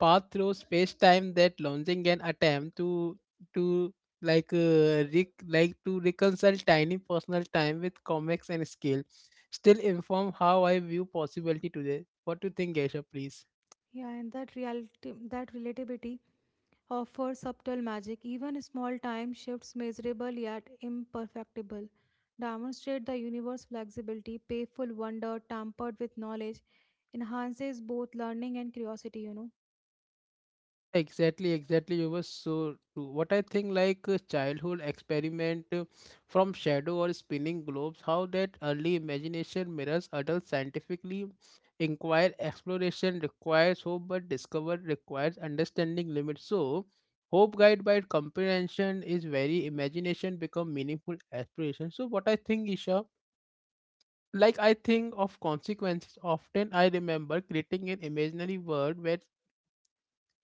path through space time. That launching an attempt to like like to reconcile tiny personal time with comics and scale, still inform how I view possibility today. What do you think, Aisha? Please. Yeah, and that reality, that relativity offers subtle magic. Even small time shifts, measurable yet imperfectible, demonstrate the universe's flexibility, playful wonder tampered with knowledge, enhances both learning and curiosity. Exactly, exactly. You were so true. What I think, like a childhood experiment from shadow or spinning globes, how that early imagination mirrors adult scientifically inquire exploration requires hope, but discover requires understanding limits. So, hope guided by comprehension is very imagination become meaningful aspiration. So, what I think, Isha. Like I think of consequences, often I remember creating an imaginary world where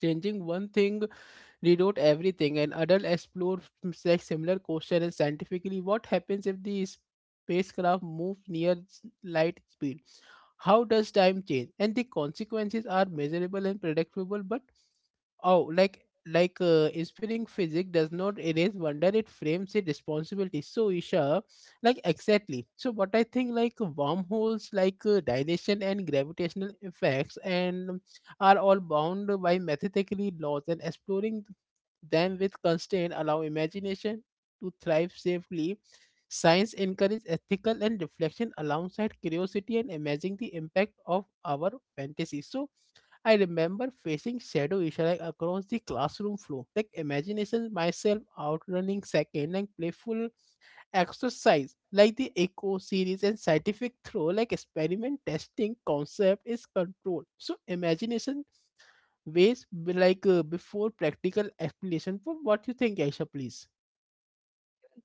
changing one thing reload everything, and adults explore like similar question and scientifically what happens if the spacecraft move near light speed, how does time change? And the consequences are measurable and predictable, but oh, like inspiring physics does not erase wonder; it frames it responsibility. So Isha, like exactly. So what I think, like wormholes, dilation and gravitational effects, and are all bound by mathematically laws, and exploring them with constraint allow imagination to thrive safely. Science encourages ethical and reflection alongside curiosity and imagining the impact of our fantasies. So I remember facing shadow issue like across the classroom floor, like imagination myself outrunning second and playful exercise like the echo series and scientific throw like experiment testing concept is controlled. So imagination ways be before practical explanation. For what you think, Aisha, please?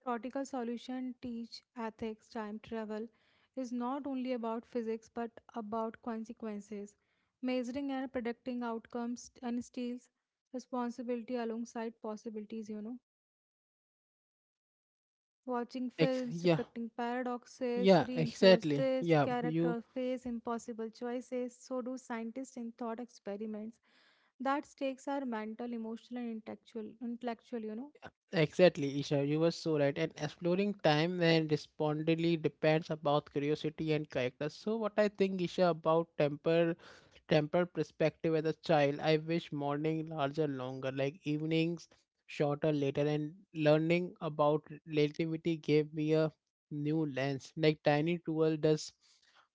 Theoretical solution teach ethics. Time travel is not only about physics but about consequences, measuring and predicting outcomes, and steals responsibility alongside possibilities. You know. Watching films Yeah, depicting paradoxes yeah, reinforce exactly. this. Yeah, you Character face impossible choices, so do scientists in thought experiments. That stakes are mental, emotional, and intellectual. Intellectual. exactly, Isha, you were so right. And exploring time and respondingly depends about curiosity and character. So what I think, Isha, about temper perspective as a child, I wish morning larger longer, like evenings shorter later, and learning about relativity gave me a new lens. Like tiny tool does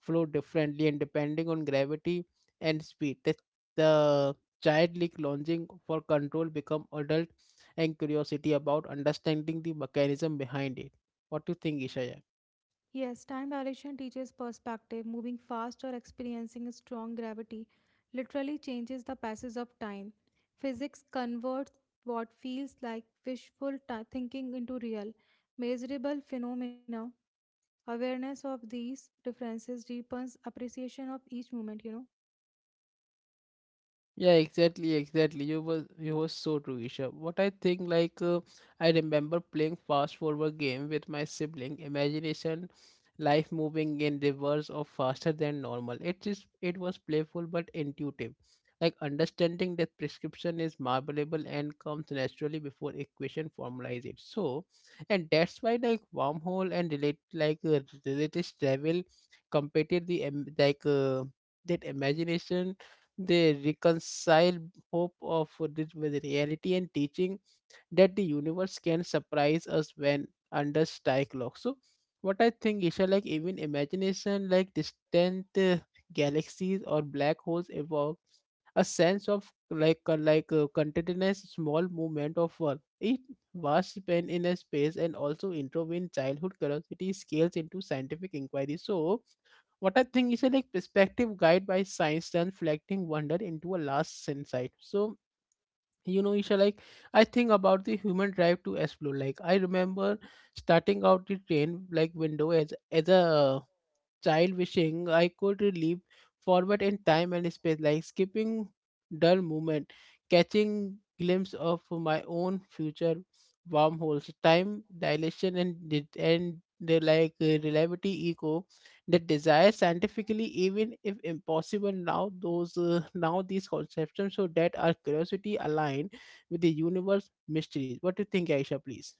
flow differently and depending on gravity and speed. The childlike longing for control become adult and curiosity about understanding the mechanism behind it. What do you think, Ishaya? Yes, time dilation teaches perspective. Moving fast or experiencing a strong gravity literally changes the passage of time. Physics converts what feels like wishful thinking into real, measurable phenomena. Awareness of these differences deepens appreciation of each moment. Yeah, exactly, exactly. You was so true, Isha. What I think, I remember playing fast forward game with my sibling. Imagination, life moving in reverse or faster than normal. It was playful but intuitive. Like understanding that prescription is malleable and comes naturally before equation formalize it. And that's why like wormhole and related travel competed the em- like that imagination. They reconcile hope of this with reality and teaching that the universe can surprise us when under strike lock. So what I think, Isha, like even imagination, like distant galaxies or black holes evoke a sense of contentedness, small movement of world. It vast span in a space and also intervene childhood curiosity scales into scientific inquiry. So what I think is a like perspective guide by science, reflecting wonder into a last insight. So you know, Isha, like I think about the human drive to explore. Like I remember starting out the train like window as a child wishing I could leap forward in time and space, like skipping dull movement, catching glimpse of my own future. Wormholes, time dilation, and di- and the like relativity echo that desire scientifically even if impossible now. Those Now these conceptions so that our curiosity align with the universe mysteries. What do you think, Aisha, please?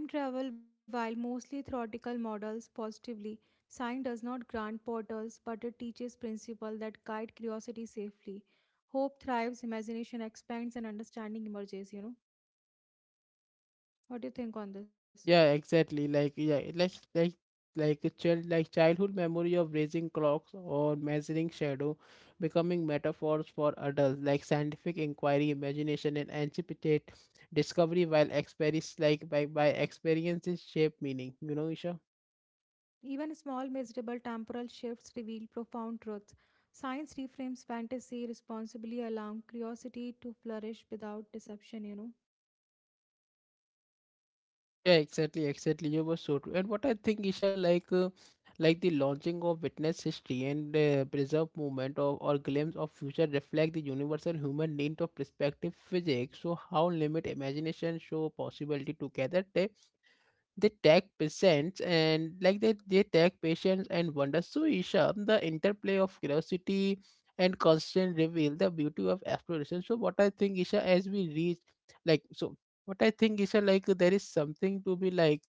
Time travel, while mostly theoretical models positively, science does not grant portals but it teaches principles that guide curiosity safely. Hope thrives, imagination expands, and understanding emerges. What do you think on this? Yeah, exactly. Like a child, like childhood memory of raising clocks or measuring shadow becoming metaphors for adults like scientific inquiry, imagination and anticipate discovery while experience like by experiences shape meaning. You know, Isha? Even small, measurable temporal shifts reveal profound truths. Science reframes fantasy responsibly, allowing curiosity to flourish without deception. Yeah, exactly, exactly. You were so true. And what I think, Isha, like the launching of witness history and preserve movement of or glimpse of future reflect the universal human need of perspective physics. So how limit imagination show possibility together, they tag patients and they tag patients and wonder. So Isha, the interplay of curiosity and constant reveal the beauty of exploration. So what I think isha as we reach like so what I think, Isha, like there is something to be like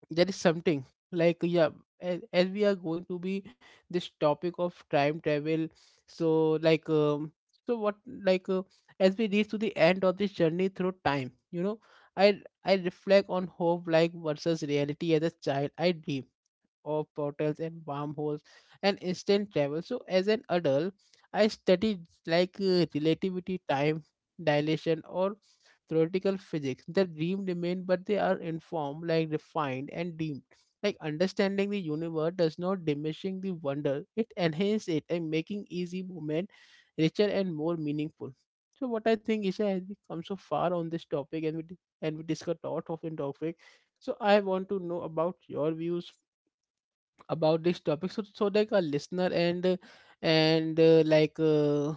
there is something like. Yeah, as we are going to be this topic of time travel. So like um so what like uh, as we reach to the end of this journey through time, you know, i I reflect on hope like versus reality. As a child, I dream of portals and wormholes and instant travel. So as an adult, I studied relativity, time dilation, or theoretical physics. The dream remain, but they are informed, like refined and deemed. Like understanding the universe does not diminishing the wonder; it enhances it and making easy movement richer and more meaningful. So what I think, Isha, as we come so far on this topic and we discuss lot of in topic, so I want to know about your views about this topic. So like a listener and like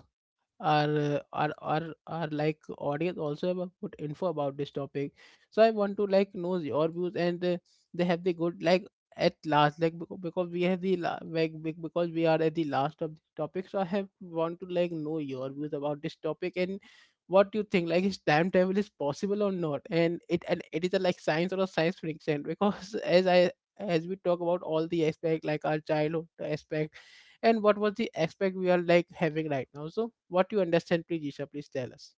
our like audience also have a good info about this topic, so I want to like know your views. And they have the good like, at last, because we have the la- like be- because we are at the last of the topic, so I have want to like know your views about this topic. And what do you think, like is time travel is possible or not? And it is a like science or a science fiction? Because as we talk about all the aspect, like our childhood aspect and what was the aspect we are like having right now, so what you understand, please, Isha, please tell us.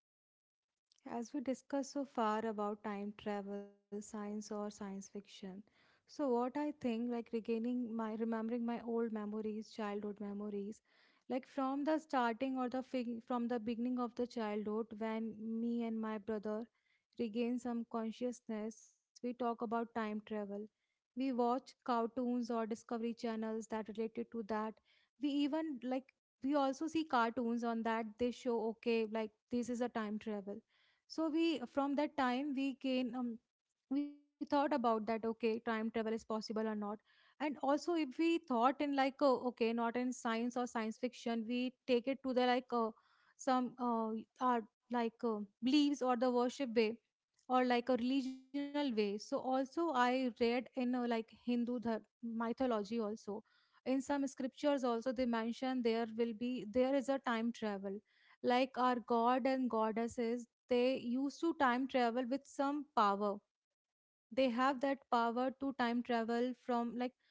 As we discussed so far about time travel, science or science fiction, so what I think like regaining my remembering my old memories, childhood memories, like from the starting or from the beginning of the childhood when me and my brother regain some consciousness, we talk about time travel. We watch cartoons or discovery channels that related to that. We even like we also see cartoons on that. They show okay like this is a time travel. So we from that time we thought about that, okay, time travel is possible or not. And also if we thought in like, oh, okay, not in science or science fiction, we take it to the like some our beliefs or the worship way, or like a religional way. So also I read in like hindu mythology also. In some scriptures also, they mention there will be, there is a time travel, like our god and goddesses, they used to time travel with some power. They have that power to time travel from like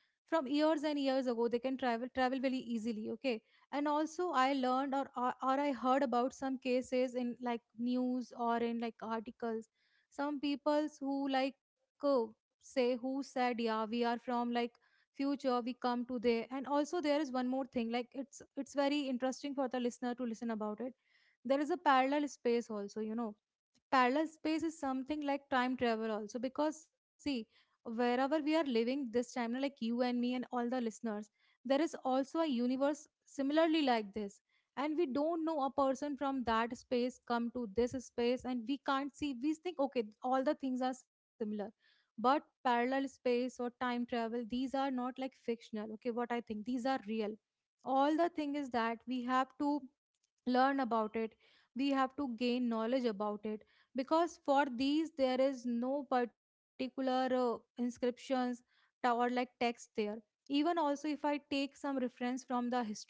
from years and years ago. They can travel very easily, okay. And also I learned or I heard about some cases in like news or in like articles. Some peoples who say who said, yeah, we are from like future, we come to there. And also there is one more thing, like it's very interesting for the listener to listen about it. There is a parallel space also, you know. Parallel space is something like time travel also, because see, wherever we are living this time na, like you and me and all the listeners, there is also a universe similarly like this. And we don't know, a person from that space come to this space and we can't see, we think okay, all the things are similar. But parallel space or time travel, these are not like fictional. Okay, what I think, these are real. All the thing is that we have to learn about it, we have to gain knowledge about it. Because for these there is no particular inscriptions or like text there. Even also if I take some reference from the history,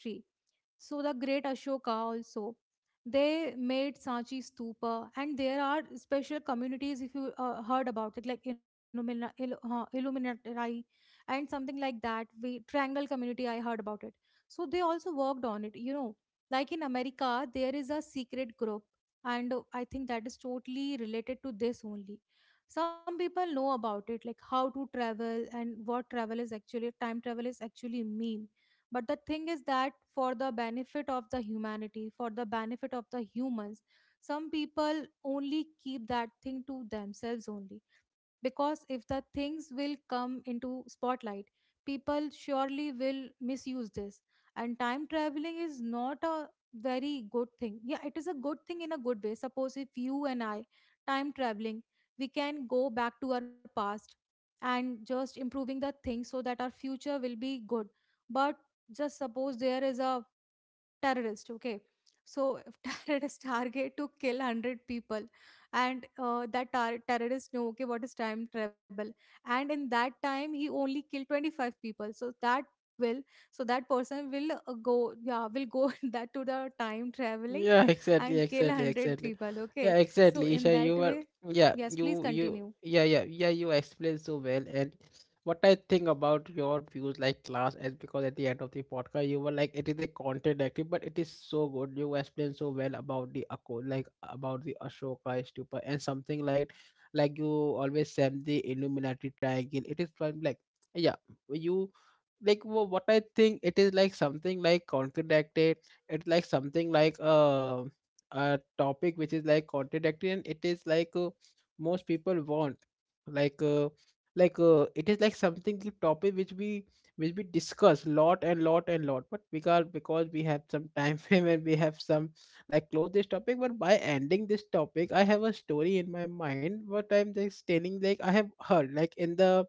so the great Ashoka also, they made Sanchi Stupa, and there are special communities if you heard about it, like Illuminati and something like that. We Triangle community, I heard about it. So they also worked on it. You know, like in America, there is a secret group, and I think that is totally related to this only. Some people know about it, like how to travel and what travel is actually, time travel is actually mean. But the thing is that for the benefit of the humanity, for the benefit of the humans, some people only keep that thing to themselves only. Because if the things will come into spotlight, people surely will misuse this. And time traveling is not a very good thing. Yeah, it is a good thing in a good way. Suppose if you and I time traveling, we can go back to our past and just improving the things so that our future will be good. But just suppose there is a terrorist, okay. So if terrorist target to kill 100 people, and terrorist know, okay, what is time travel. And in that time he only killed 25 people. So that will, so that person will go, yeah, will go that to the time traveling Yeah, exactly, and kill exactly, 100 exactly. people, okay. Yeah, So exactly. in Isha, that you were. way, Yeah, yes please you continue, yeah, yeah, yeah, you explained so well. And what I think about your views, like class, as because at the end of the podcast you were like it is a contradictory but it is so good. You explained so well about the Ako, like about the Ashoka stupa, and something like you always said the Illuminati triangle. It is from like, yeah, you, like what I think, it is like something like contradicted. It's like something like a topic which is like contradictory and it is most people want, like uh, it is like something the topic which we discuss lot and lot and lot. But because we have some time frame and we have some like close this topic. But by ending this topic I have a story in my mind, what I'm just telling. Like I have heard like in the,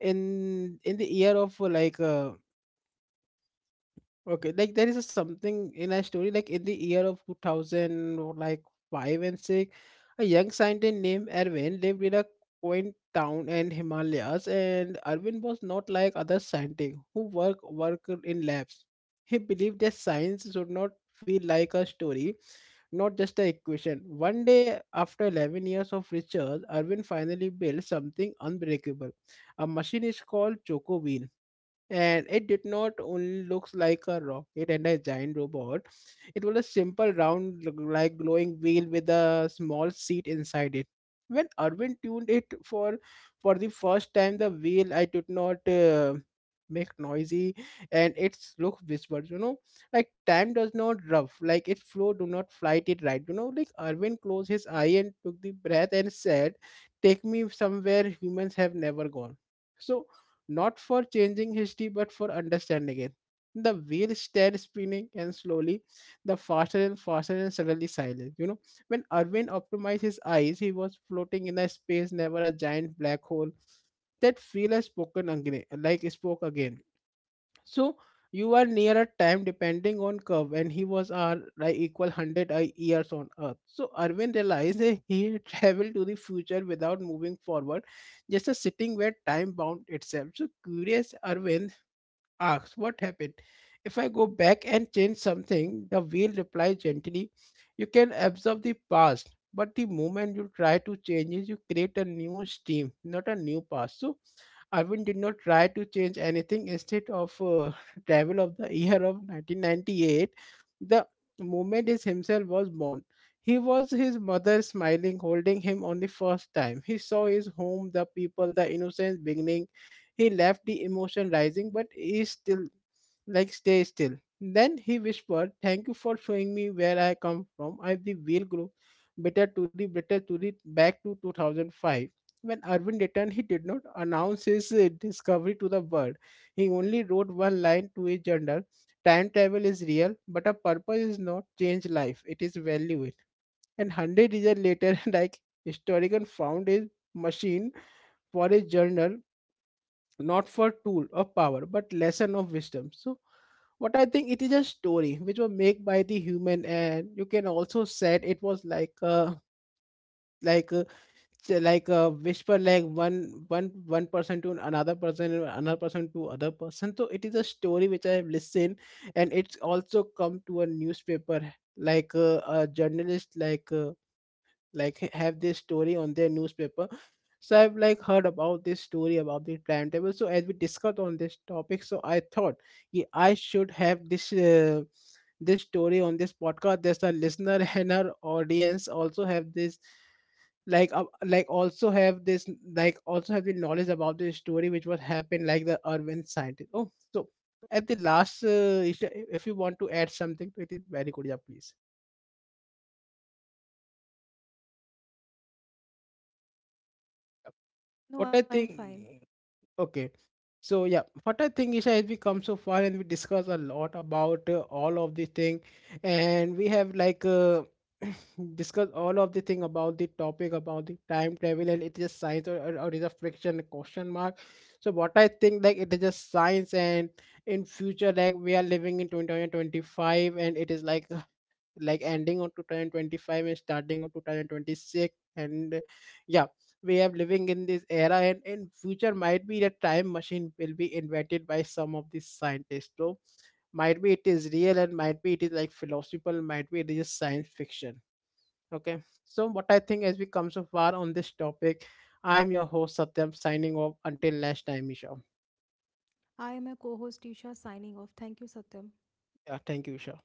in the year of okay, like there is a something in a story, like in the year of 2000, or like 5 and 6, a young scientist named Erwin lived in a quaint town in Himalayas, and Erwin was not like other scientists who worked in labs. He believed that science should not feel like a story, not just an equation. One day after 11 years of research, Erwin finally built something unbreakable. A machine is called Choco, and it did not only looks like a rocket and a giant robot. It was a simple round like glowing wheel with a small seat inside it. When Arvin tuned it for the first time, the wheel I did not make noisy, and its look whispered, you know, like time does not rough like its flow do not flight it, right? You know, like Arvin closed his eye and took the breath and said, take me somewhere humans have never gone. So not for changing history, but for understanding it. The wheel started spinning and slowly, the faster and faster and suddenly silent. You know, when Arvind optimized his eyes, he was floating in a space, never a giant black hole. That feel has spoken again, like spoke again. So you are nearer time depending on curve, and he was our like equal 100 I years on Earth. So Irwin realized that he had traveled to the future without moving forward, just a sitting where time bound itself. So curious Irwin asks, "What happened? If I go back and change something?" The wheel replies gently, "You can observe the past. But the moment you try to change it, you create a new stream, not a new past." So Arvind did not try to change anything. Instead of travel of the year of 1998, the moment is himself was born. He was his mother smiling, holding him on the first time. He saw his home, the people, the innocence beginning. He left the emotion rising, but he still like stay still. Then he whispered, thank you for showing me where I come from. I the wheel grew bitter to the back to 2005. When Irwin returned, he did not announce his discovery to the world. He only wrote one line to a journal: time travel is real, but a purpose is not change life, it is value it. And 100 years later, like historian found a machine for a journal, not for tool of power, but lesson of wisdom. So what I think, it is a story which was made by the human, and you can also said it was like a, like uh, whisper like one person to another person and another person to other person. So it is a story which I have listened, and it's also come to a newspaper, like a journalist, have this story on their newspaper. So I've like heard about this story about the timetable. So as we discussed on this topic, so I thought, yeah, I should have this this story on this podcast. There's a listener and our audience also have this also have this also have the knowledge about the story which was happened, like the urban scientist. Oh, so at the last, if you want to add something, it is very good. Yeah, please. no What I I am fine. think. Okay. So yeah, what I think, Isha, is as we come so far and we discuss a lot about all of the thing, and we have discussed all of the thing about the topic about the time travel and it is science or, or is a friction, question mark. So what I think like it is just science. And in future, like we are living in 2025, and it is like, ending on 2025 and starting on 2026. And yeah, we are living in this era, and in future might be the time machine will be invented by some of these scientists. So might be it is real, and might be it is like philosophical, might be it is just science fiction. Okay, so what I think, as we come so far on this topic, I'm your host Satyam signing off. Until next time, Isha. I am a co-host Isha, signing off. Thank you, Satyam. Yeah, thank you, Isha.